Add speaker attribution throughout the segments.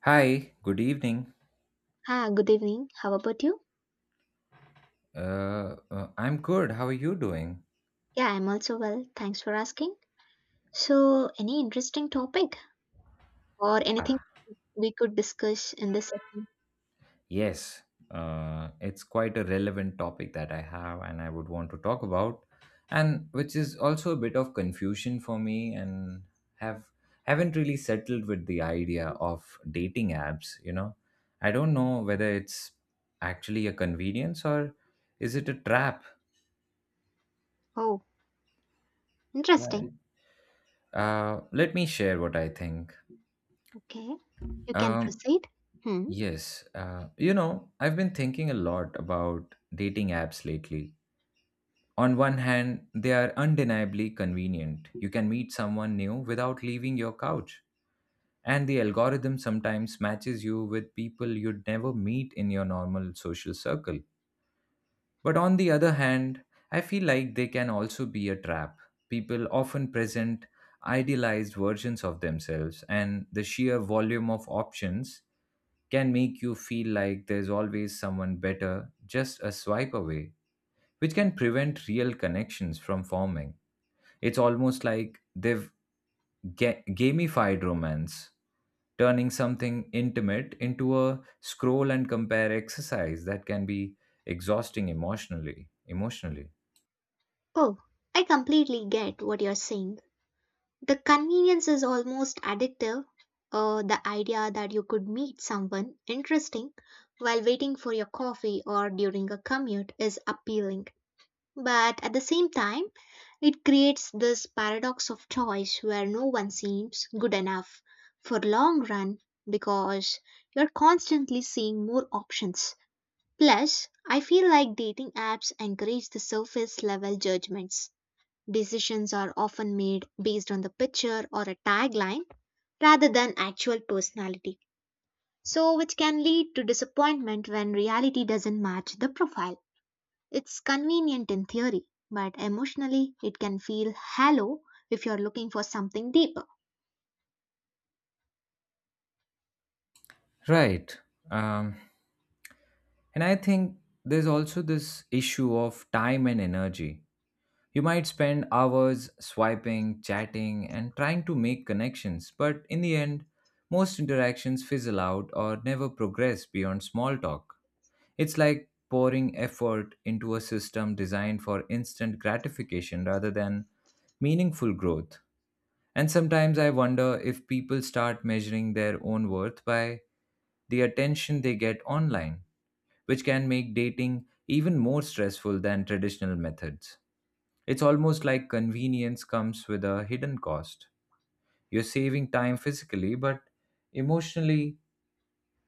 Speaker 1: Hi, good evening.
Speaker 2: Ah, good evening. How about you?
Speaker 1: I'm good. How are you doing?
Speaker 2: Yeah, I'm also well. Thanks for asking. So, any interesting topic or anything
Speaker 1: Ah,
Speaker 2: we could discuss in this session?
Speaker 1: yes. It's quite a relevant topic that I have and I would want to talk about, and which is also a bit of confusion for me and have haven't really settled with the idea of dating apps. I don't know whether it's actually a convenience or is it a trap?
Speaker 2: Oh, interesting.
Speaker 1: Right. Let me share what I think.
Speaker 2: Okay. You can
Speaker 1: Um,
Speaker 2: proceed. Hmm.
Speaker 1: Yes, I've been thinking a lot about dating apps lately. On one hand, they are undeniably convenient. You can meet someone new without leaving your couch. And the algorithm sometimes matches you with people you'd never meet in your normal social circle. But on the other hand, I feel like they can also be a trap. People often present idealized versions of themselves, and the sheer volume of options can make you feel like there's always someone better just a swipe away, which can prevent real connections from forming. It's almost like they've gamified romance, turning something intimate into a scroll and compare exercise that can be exhausting emotionally. Emotionally,
Speaker 2: Oh, I completely get what you're saying. The convenience is almost addictive. The idea that you could meet someone interesting while waiting for your coffee or during a commute is appealing. But at the same time, it creates this paradox of choice where no one seems good enough for long run because you're constantly seeing more options. Plus, I feel like dating apps encourage the surface level judgments. Decisions are often made based on the picture or a tagline rather than actual personality. So, which can lead to disappointment when reality doesn't match the profile. It's convenient in theory, but emotionally it can feel hollow if you're looking for something deeper.
Speaker 1: right? Um, and I think there's also this issue of time and energy. You might spend hours swiping, chatting, and trying to make connections, but in the end, most interactions fizzle out or never progress beyond small talk. It's like pouring effort into a system designed for instant gratification rather than meaningful growth. And sometimes I wonder if people start measuring their own worth by the attention they get online, which can make dating even more stressful than traditional methods. It's almost like convenience comes with a hidden cost. You're saving time physically, but emotionally,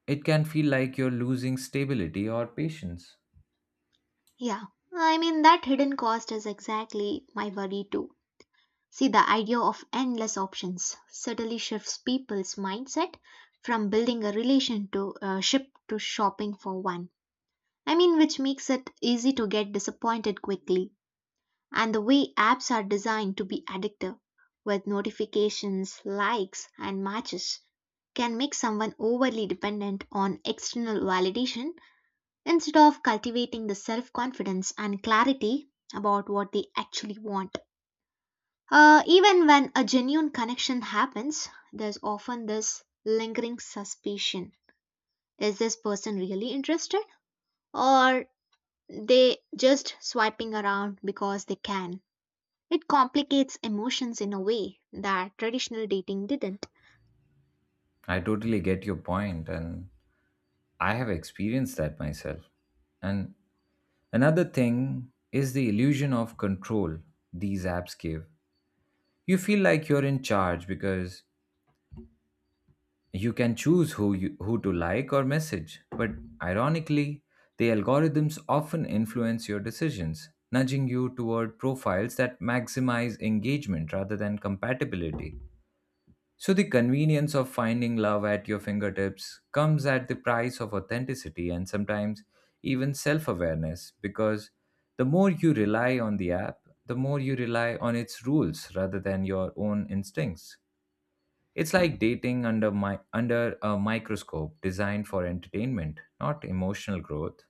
Speaker 1: it can feel like you're losing stability or patience.
Speaker 2: Yeah, I mean, that hidden cost is exactly my worry too. See, the idea of endless options subtly shifts people's mindset from building a relation to ship to shopping for one. I mean, which makes it easy to get disappointed quickly. And the way apps are designed to be addictive, with notifications, likes, and matches, can make someone overly dependent on external validation instead of cultivating the self confidence and clarity about what they actually want. Even when a genuine connection happens, there's often this lingering suspicion. Is this person really interested? Or they just swiping around because they can? It complicates emotions in a way that traditional dating didn't.
Speaker 1: I totally get your point, and I have experienced that myself. And another thing is the illusion of control these apps give. You feel like you're in charge because you can choose who to like or message, but ironically the algorithms often influence your decisions, nudging you toward profiles that maximize engagement rather than compatibility. So the convenience of finding love at your fingertips comes at the price of authenticity and sometimes even self-awareness, because the more you rely on the app, the more you rely on its rules rather than your own instincts. It's like dating under a microscope designed for entertainment, not emotional growth.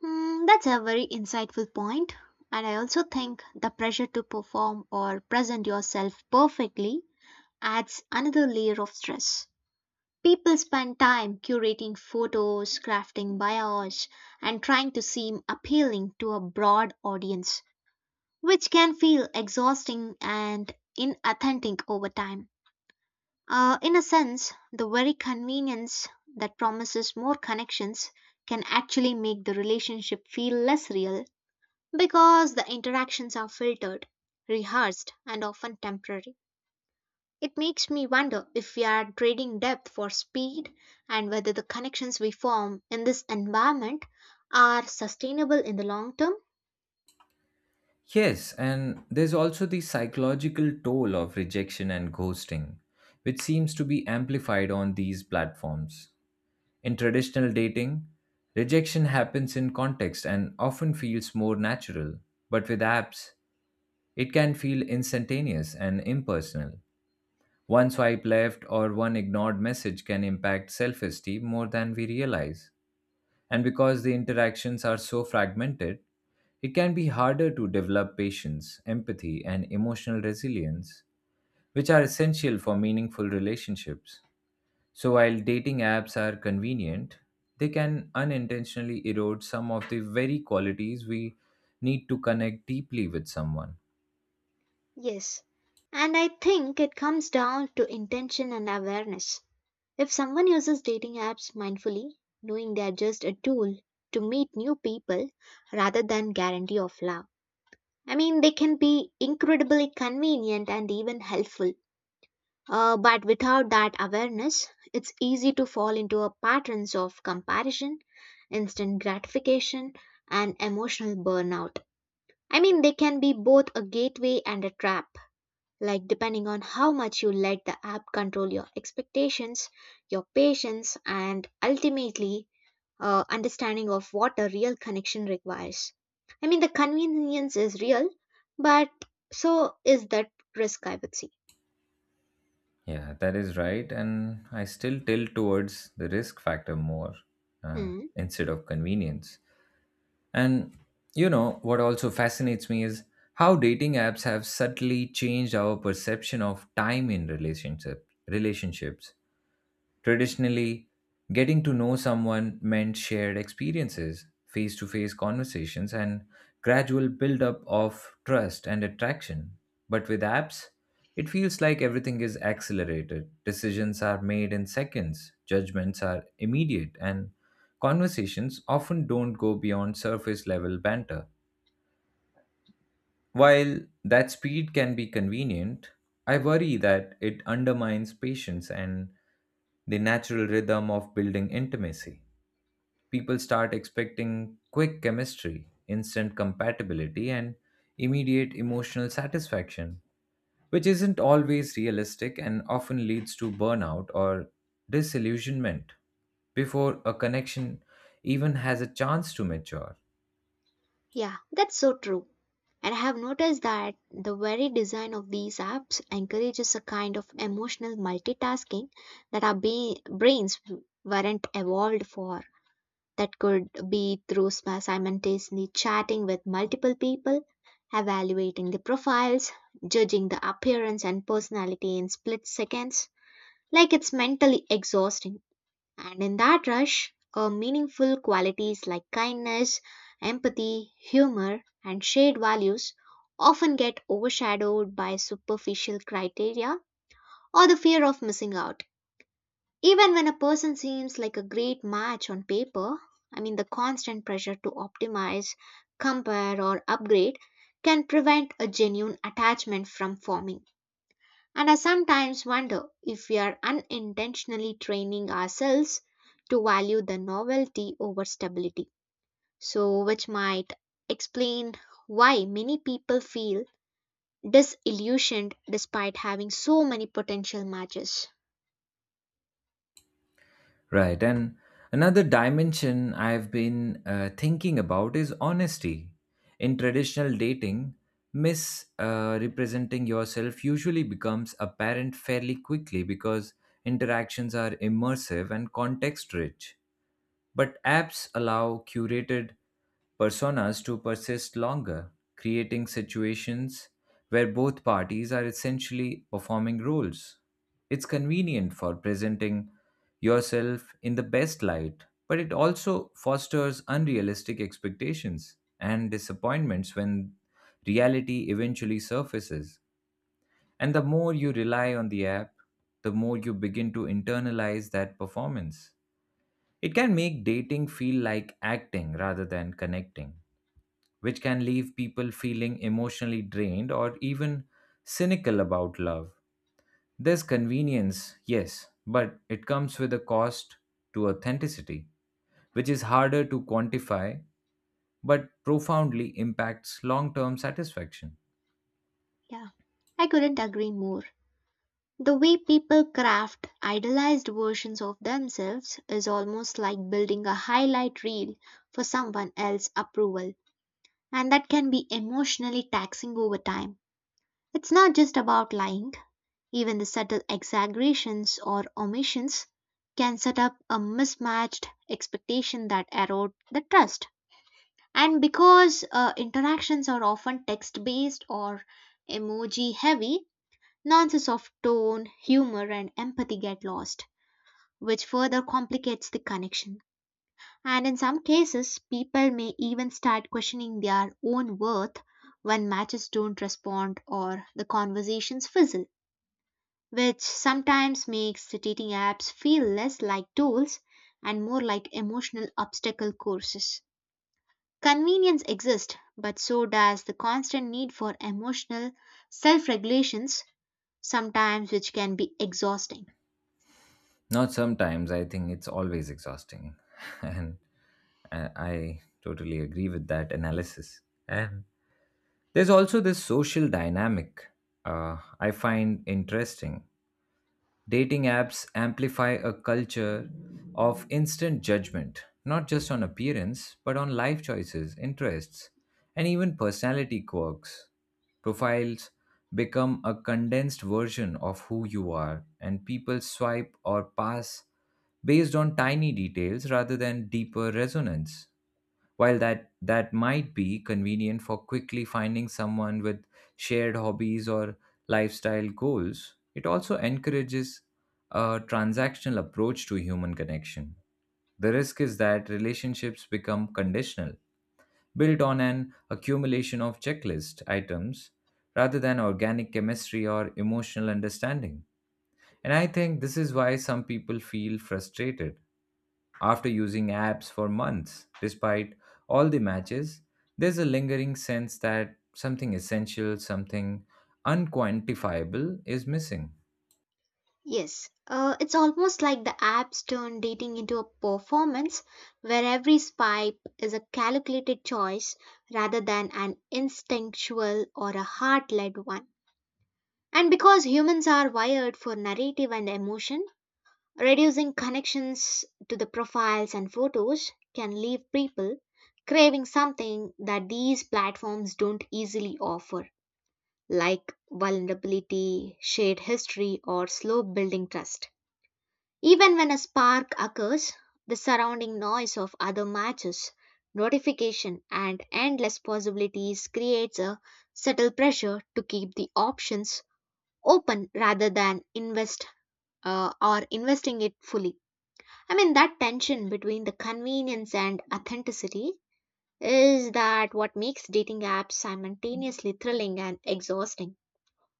Speaker 2: Hmm, that's a very insightful point. And I also think the pressure to perform or present yourself perfectly adds another layer of stress. People spend time curating photos, crafting bios, and trying to seem appealing to a broad audience, which can feel exhausting and inauthentic over time. In a sense, the very convenience that promises more connections can actually make the relationship feel less real because the interactions are filtered, rehearsed, and often temporary. It makes me wonder if we are trading depth for speed and whether the connections we form in this environment are sustainable in the long term.
Speaker 1: Yes, and there's also the psychological toll of rejection and ghosting, which seems to be amplified on these platforms. In traditional dating, rejection happens in context and often feels more natural, but with apps, it can feel instantaneous and impersonal. One swipe left or one ignored message can impact self esteem more than we realize. And because the interactions are so fragmented, it can be harder to develop patience, empathy, and emotional resilience, which are essential for meaningful relationships. So, while dating apps are convenient, they can unintentionally erode some of the very qualities we need to connect deeply with someone.
Speaker 2: Yes. And I think it comes down to intention and awareness. If someone uses dating apps mindfully, knowing they are just a tool to meet new people rather than guarantee of love, I mean, they can be incredibly convenient and even helpful. But without that awareness, it's easy to fall into a patterns of comparison, instant gratification, and emotional burnout. I mean, they can be both a gateway and a trap. Like depending on how much you let the app control your expectations, your patience, and ultimately understanding of what a real connection requires. I mean, the convenience is real, but so is that risk, I would say.
Speaker 1: Yeah, that is right. And I still tilt towards the risk factor more
Speaker 2: Hmm.
Speaker 1: instead of convenience. And you know, what also fascinates me is how dating apps have subtly changed our perception of time in relationships. Traditionally, getting to know someone meant shared experiences, face to face conversations, and gradual build up of trust and attraction. But with apps, it feels like everything is accelerated. Decisions are made in seconds, judgments are immediate, and conversations often don't go beyond surface level banter. While that speed can be convenient, I worry that it undermines patience and the natural rhythm of building intimacy. People start expecting quick chemistry, instant compatibility, and immediate emotional satisfaction, which isn't always realistic and often leads to burnout or disillusionment before a connection even has a chance to mature.
Speaker 2: Yeah, that's so true. And I have noticed that the very design of these apps encourages a kind of emotional multitasking that our brains weren't evolved for. That could be through simultaneously chatting with multiple people, evaluating the profiles, judging the appearance and personality in split seconds. Like it's mentally exhausting. And in that rush, meaningful qualities like kindness, empathy, humor, and shared values often get overshadowed by superficial criteria or the fear of missing out. Even when a person seems like a great match on paper, I mean, the constant pressure to optimize, compare, or upgrade can prevent a genuine attachment from forming. And I sometimes wonder if we are unintentionally training ourselves to value the novelty over stability. So, which might explain why many people feel disillusioned despite having so many potential matches.
Speaker 1: Right. And another dimension I've been thinking about is honesty. In traditional dating, misrepresenting yourself usually becomes apparent fairly quickly because interactions are immersive and context rich. But apps allow curated personas to persist longer, creating situations where both parties are essentially performing roles. It's convenient for presenting yourself in the best light, but it also fosters unrealistic expectations and disappointments when reality eventually surfaces. And the more you rely on the app, the more you begin to internalize that performance. It can make dating feel like acting rather than connecting, which can leave people feeling emotionally drained or even cynical about love. There's convenience, yes, but it comes with a cost to authenticity, which is harder to quantify but profoundly impacts long term satisfaction.
Speaker 2: Yeah, I couldn't agree more. The way people craft idealized versions of themselves is almost like building a highlight reel for someone else's approval, and that can be emotionally taxing over time. It's not just about lying, even the subtle exaggerations or omissions can set up a mismatched expectation that erode the trust. And because interactions are often text based or emoji heavy, nuances of tone, humor, and empathy get lost, which further complicates the connection. And in some cases, people may even start questioning their own worth when matches don't respond or the conversations fizzle, which sometimes makes the dating apps feel less like tools and more like emotional obstacle courses. Convenience exists, but so does the constant need for emotional self regulations, sometimes which can be exhausting.
Speaker 1: Not sometimes, I think it's always exhausting. And I totally agree with that analysis. And there's also this social dynamic I find interesting. Dating apps amplify a culture of instant judgment, not just on appearance, but on life choices, interests, and even personality quirks. Profiles become a condensed version of who you are, and people swipe or pass based on tiny details rather than deeper resonance. While that might be convenient for quickly finding someone with shared hobbies or lifestyle goals, it also encourages a transactional approach to human connection. The risk is that relationships become conditional, built on an accumulation of checklist items rather than organic chemistry or emotional understanding. And I think this is why some people feel frustrated after using apps for months. Despite all the matches, there's a lingering sense that something essential, something unquantifiable is missing.
Speaker 2: Yes, it's almost like the apps turn dating into a performance where every swipe is a calculated choice rather than an instinctual or a heart led one. And because humans are wired for narrative and emotion, reducing connections to the profiles and photos can leave people craving something that these platforms don't easily offer, like vulnerability, shared history, or slow building trust. Even when a spark occurs, the surrounding noise of other matches, notification, and endless possibilities creates a subtle pressure to keep the options open rather than invest or investing it fully. I mean, that tension between the convenience and authenticity is that what makes dating apps simultaneously thrilling and exhausting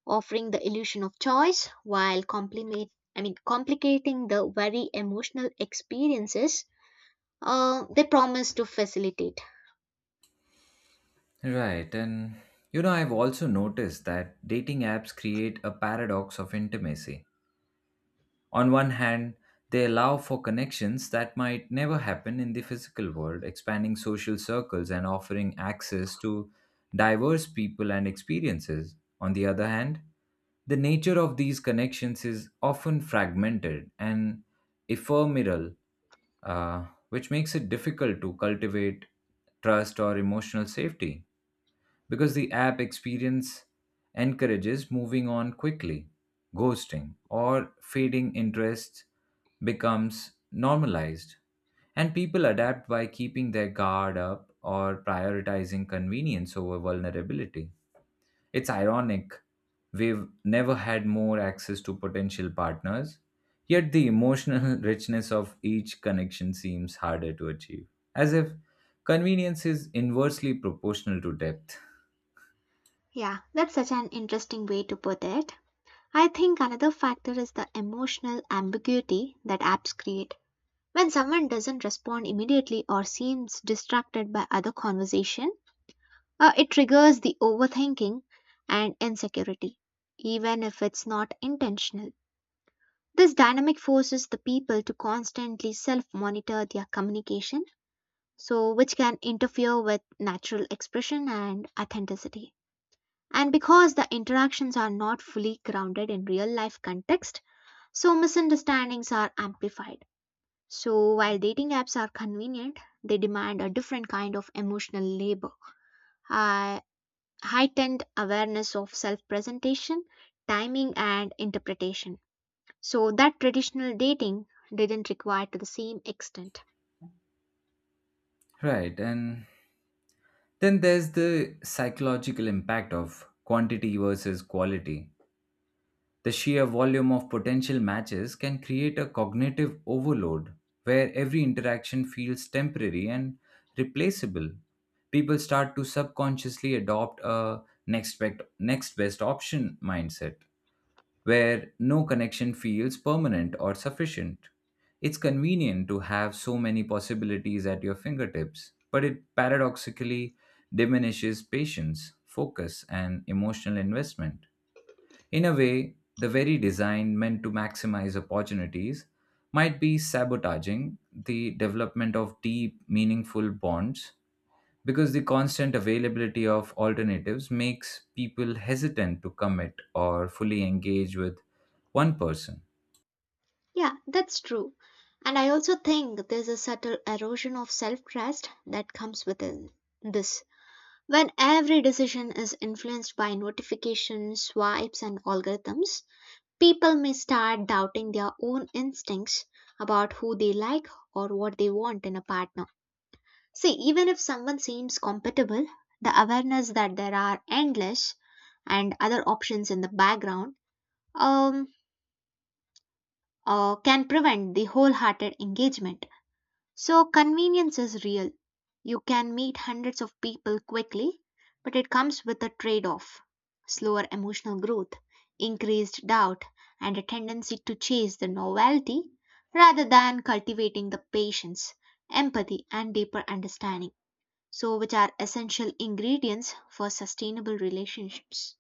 Speaker 2: offering the illusion of choice while compliment I mean complicating the very emotional experiences they promise to facilitate.
Speaker 1: Right, and you know, I've also noticed that dating apps create a paradox of intimacy. On one hand, they allow for connections that might never happen in the physical world, expanding social circles and offering access to diverse people and experiences. On the other hand, the nature of these connections is often fragmented and ephemeral, which makes it difficult to cultivate trust or emotional safety because the app experience encourages moving on quickly. Ghosting or fading interest becomes normalized, and people adapt by keeping their guard up or prioritizing convenience over vulnerability. It's ironic. We've never had more access to potential partners, yet the emotional richness of each connection seems harder to achieve, as if convenience is inversely proportional to depth.
Speaker 2: Yeah, that's such an interesting way to put it. I think another factor is the emotional ambiguity that apps create. When someone doesn't respond immediately or seems distracted by other conversation, it triggers the overthinking and insecurity, even if it's not intentional. This dynamic forces the people to constantly self monitor their communication, so which can interfere with natural expression and authenticity. And because the interactions are not fully grounded in real life context, so misunderstandings are amplified. So while dating apps are convenient, they demand a different kind of emotional labor, uh, heightened awareness of self presentation, timing, and interpretation. So that traditional dating didn't require to the same extent.
Speaker 1: Right. And then there's the psychological impact of quantity versus quality. The sheer volume of potential matches can create a cognitive overload where every interaction feels temporary and replaceable. People start to subconsciously adopt a next best option mindset where no connection feels permanent or sufficient. It's convenient to have so many possibilities at your fingertips, but it paradoxically diminishes patience, focus, and emotional investment. In a way, the very design meant to maximize opportunities might be sabotaging the development of deep, meaningful bonds because the constant availability of alternatives makes people hesitant to commit or fully engage with one person.
Speaker 2: Yeah, that's true. And I also think there's a subtle erosion of self trust that comes within this. When every decision is influenced by notifications, swipes, and algorithms, people may start doubting their own instincts about who they like or what they want in a partner. See, even if someone seems compatible, the awareness that there are endless and other options in the background um, can prevent the wholehearted engagement. So, convenience is real. You can meet hundreds of people quickly, but it comes with a trade off slower emotional growth, increased doubt, and a tendency to chase the novelty rather than cultivating the patience, empathy, and deeper understanding. So, which are essential ingredients for sustainable relationships.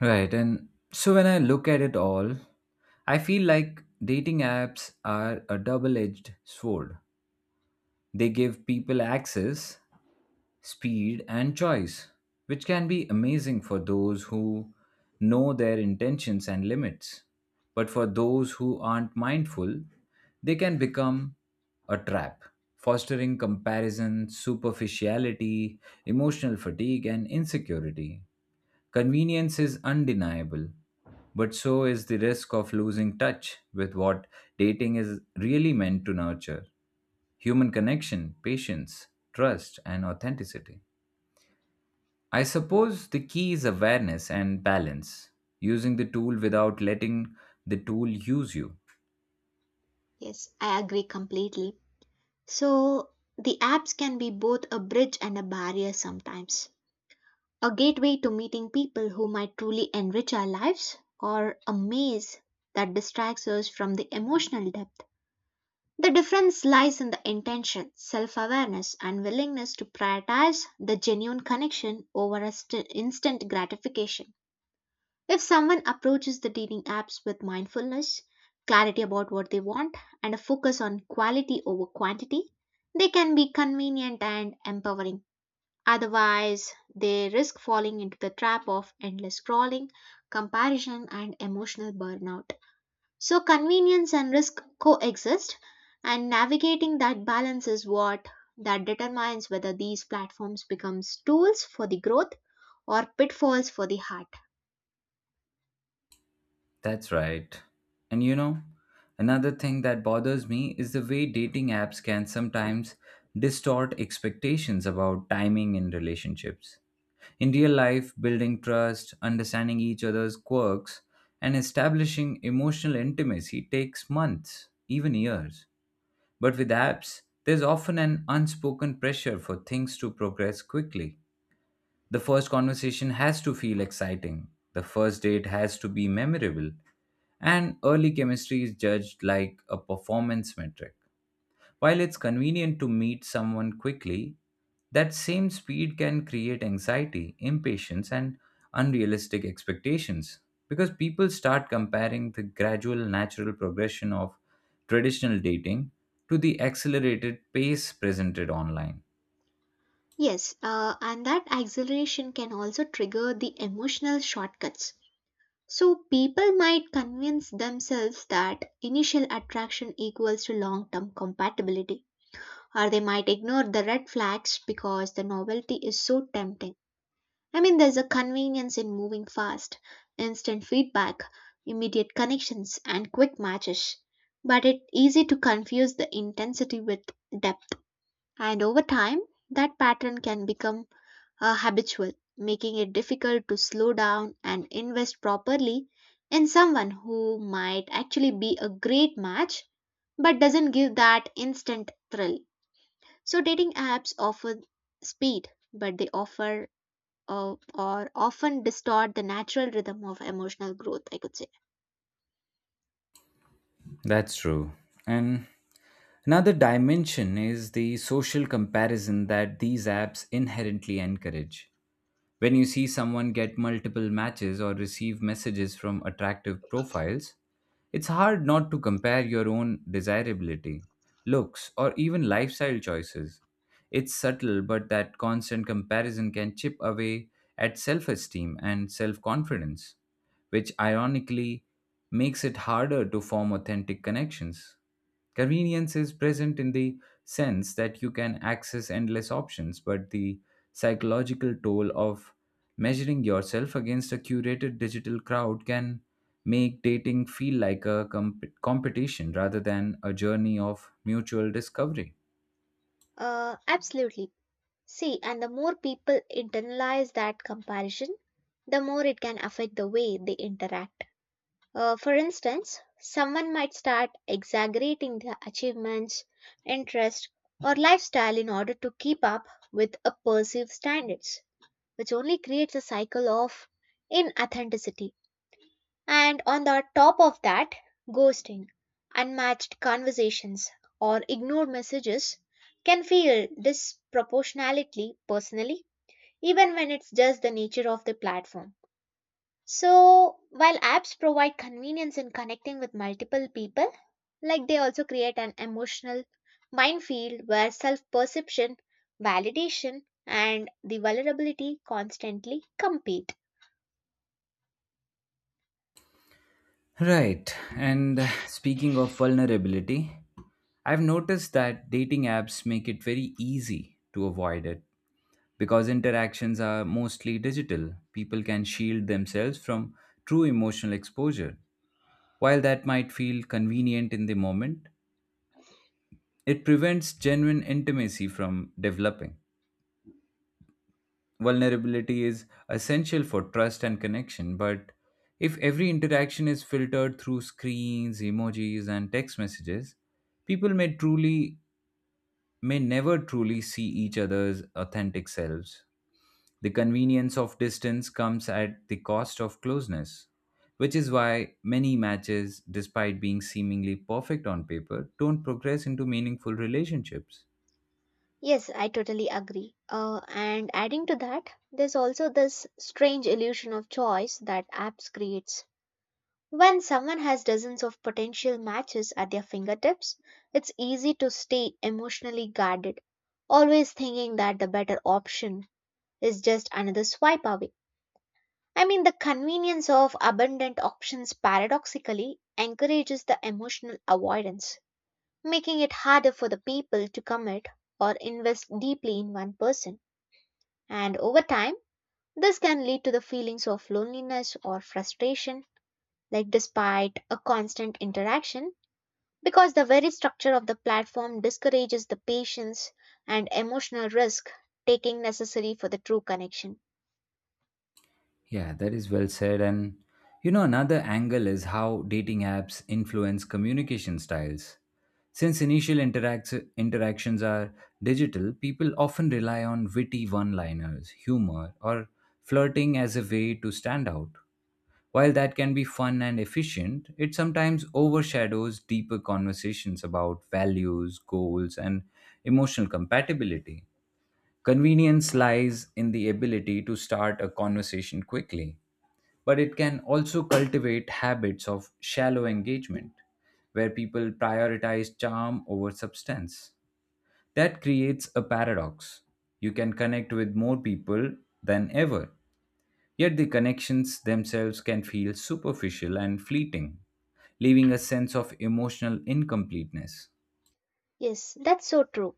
Speaker 1: Right, and so when I look at it all, I feel like dating apps are a double edged sword. They give people access, speed, and choice, which can be amazing for those who know their intentions and limits. But for those who aren't mindful, they can become a trap, fostering comparison, superficiality, emotional fatigue, and insecurity. Convenience is undeniable, but so is the risk of losing touch with what dating is really meant to nurture: human connection, patience, trust, and authenticity. I suppose the key is awareness and balance, using the tool without letting the tool use you.
Speaker 2: Yes, I agree completely. So the apps can be both a bridge and a barrier sometimes. A gateway to meeting people who might truly enrich our lives, or a maze that distracts us from the emotional depth. The difference lies in the intention, self awareness, and willingness to prioritize the genuine connection over instant gratification. If someone approaches the dating apps with mindfulness, clarity about what they want, and a focus on quality over quantity, they can be convenient and empowering. Otherwise, they risk falling into the trap of endless scrolling, comparison, and emotional burnout. So, convenience and risk coexist, and navigating that balance is what that determines whether these platforms becomes tools for the growth or pitfalls for the heart.
Speaker 1: That's right. And you know, another thing that bothers me is the way dating apps can sometimes distort expectations about timing in relationships. In real life, building trust, understanding each other's quirks, and establishing emotional intimacy takes months, even years. But with apps, there's often an unspoken pressure for things to progress quickly. The first conversation has to feel exciting, the first date has to be memorable, and early chemistry is judged like a performance metric. While it's convenient to meet someone quickly, that same speed can create anxiety, impatience, and unrealistic expectations because people start comparing the gradual natural progression of traditional dating to the accelerated pace presented online.
Speaker 2: Yes, and that acceleration can also trigger the emotional shortcuts. So people might convince themselves that initial attraction equals to long term compatibility, or they might ignore the red flags because the novelty is so tempting. I mean, there's a convenience in moving fast, instant feedback, immediate connections, and quick matches. But it's easy to confuse the intensity with depth, and over time, that pattern can become are habitual, making it difficult to slow down and invest properly in someone who might actually be a great match but doesn't give that instant thrill. So dating apps offer speed, but they offer or often distort the natural rhythm of emotional growth, I could say.
Speaker 1: That's true. And another dimension is the social comparison that these apps inherently encourage. When you see someone get multiple matches or receive messages from attractive profiles, it's hard not to compare your own desirability, looks, or even lifestyle choices. It's subtle, but that constant comparison can chip away at self esteem and self confidence, which ironically makes it harder to form authentic connections. Convenience is present in the sense that you can access endless options, but the psychological toll of measuring yourself against a curated digital crowd can make dating feel like a competition rather than a journey of mutual discovery.
Speaker 2: Absolutely. See, and the more people internalize that comparison, the more it can affect the way they interact. For instance, someone might start exaggerating their achievements, interest, or lifestyle in order to keep up with a perceived standards, which only creates a cycle of inauthenticity. And on the top of that, ghosting, unmatched conversations, or ignored messages can feel disproportionately personally, even when it's just the nature of the platform. So, while apps provide convenience in connecting with multiple people, like they also create an emotional minefield where self perception, validation, and the vulnerability constantly compete.
Speaker 1: Right. And speaking of vulnerability, I've noticed that dating apps make it very easy to avoid it because interactions are mostly digital. People can shield themselves from true emotional exposure. While that might feel convenient in the moment, it prevents genuine intimacy from developing. Vulnerability is essential for trust and connection, but if every interaction is filtered through screens, emojis, and text messages, people may truly may never truly see each other's authentic selves. The convenience of distance comes at the cost of closeness, which is why many matches, despite being seemingly perfect on paper, don't progress into meaningful relationships.
Speaker 2: Yes, I totally agree. And adding to that, there's also this strange illusion of choice that apps creates. When someone has dozens of potential matches at their fingertips, it's easy to stay emotionally guarded, always thinking that the better option is just another swipe away. I mean, the convenience of abundant options paradoxically encourages the emotional avoidance, making it harder for the people to commit or invest deeply in one person. And over time, this can lead to the feelings of loneliness or frustration, like despite a constant interaction, because the very structure of the platform discourages the patience and emotional risk taking necessary for the true connection.
Speaker 1: Yeah, that is well said. And you know, another angle is how dating apps influence communication styles. Since initial interactions are digital, people often rely on witty one liners, humor, or flirting as a way to stand out. While that can be fun and efficient, it sometimes overshadows deeper conversations about values, goals, and emotional compatibility. Convenience lies in the ability to start a conversation quickly, but it can also cultivate habits of shallow engagement, where people prioritize charm over substance. That creates a paradox. You can connect with more people than ever, yet the connections themselves can feel superficial and fleeting, leaving a sense of emotional incompleteness.
Speaker 2: Yes, that's so true.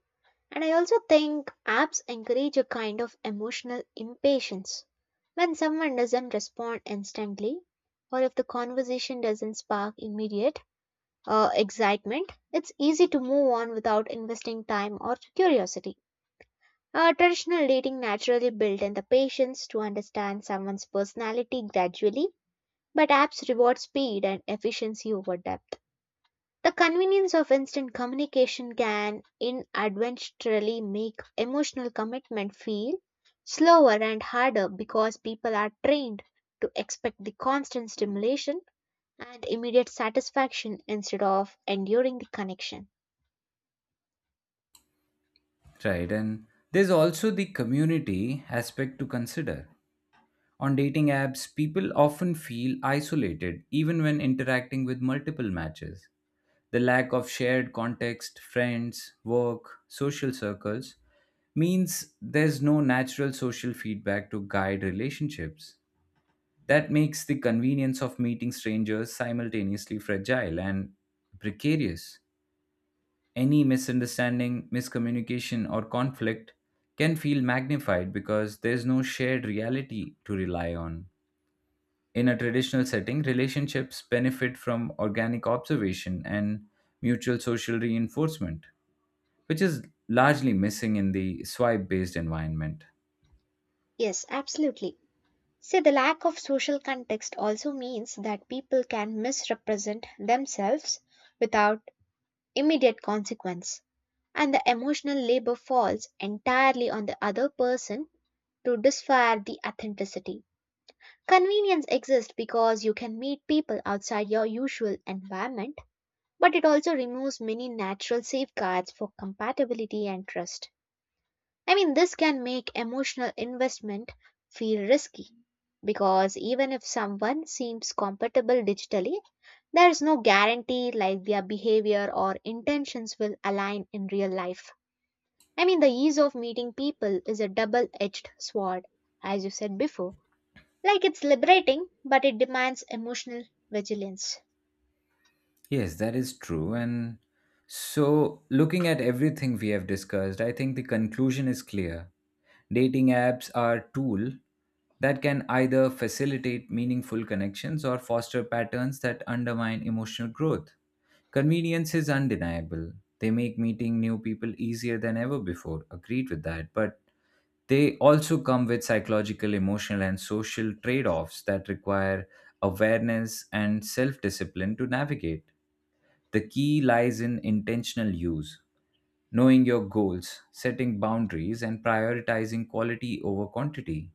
Speaker 2: And I also think apps encourage a kind of emotional impatience. When someone doesn't respond instantly, or if the conversation doesn't spark immediate excitement, it's easy to move on without investing time or curiosity. Traditional dating naturally built in the patience to understand someone's personality gradually, but apps reward speed and efficiency over depth. The convenience of instant communication can inadvertently make emotional commitment feel slower and harder because people are trained to expect the constant stimulation and immediate satisfaction instead of enduring the connection.
Speaker 1: Right, and there's also the community aspect to consider. On dating apps, people often feel isolated even when interacting with multiple matches. The lack of shared context, friends, work, social circles, means there's no natural social feedback to guide relationships. That makes the convenience of meeting strangers simultaneously fragile and precarious. Any misunderstanding, miscommunication, or conflict can feel magnified because there's no shared reality to rely on. In a traditional setting, relationships benefit from organic observation and mutual social reinforcement, which is largely missing in the swipe based environment.
Speaker 2: Yes, absolutely. See, the lack of social context also means that people can misrepresent themselves without immediate consequence, and the emotional labor falls entirely on the other person to disfire the authenticity. Convenience exists because you can meet people outside your usual environment, but it also removes many natural safeguards for compatibility and trust. I mean, this can make emotional investment feel risky because even if someone seems compatible digitally, there is no guarantee like their behavior or intentions will align in real life. I mean, the ease of meeting people is a double edged sword, as you said before. Like it's liberating, but it demands emotional vigilance.
Speaker 1: Yes, that is true. And so, looking at everything we have discussed, I think the conclusion is clear. Dating apps are a tool that can either facilitate meaningful connections or foster patterns that undermine emotional growth. Convenience is undeniable. They make meeting new people easier than ever before. Agreed with that. But they also come with psychological, emotional, and social trade offs that require awareness and self discipline to navigate. The key lies in intentional use, knowing your goals, setting boundaries, and prioritizing quality over quantity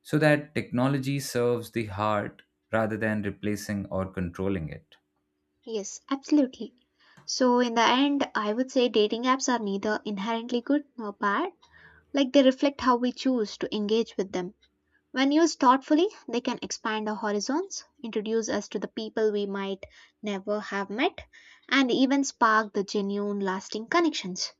Speaker 1: so that technology serves the heart rather than replacing or controlling it.
Speaker 2: Yes, absolutely. So, in the end, I would say dating apps are neither inherently good nor bad. Like they reflect how we choose to engage with them. When used thoughtfully, they can expand our horizons, introduce us to the people we might never have met, and even spark the genuine, lasting connections.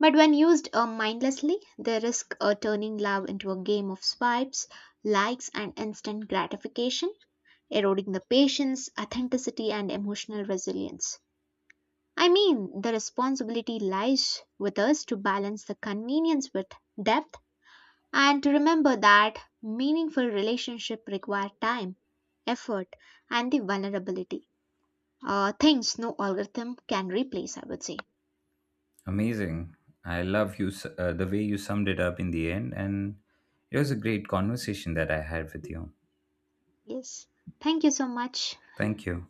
Speaker 2: But when used mindlessly, they risk turning love into a game of swipes, likes, and instant gratification, eroding the patience, authenticity, and emotional resilience. I mean, the responsibility lies with us to balance the convenience with depth and remember that meaningful relationship require time, effort, and the vulnerability. Things no algorithm can replace, I would say.
Speaker 1: Amazing. I love the way you summed it up in the end, and it was a great conversation that I had with you.
Speaker 2: Yes. Thank you so much.
Speaker 1: Thank you.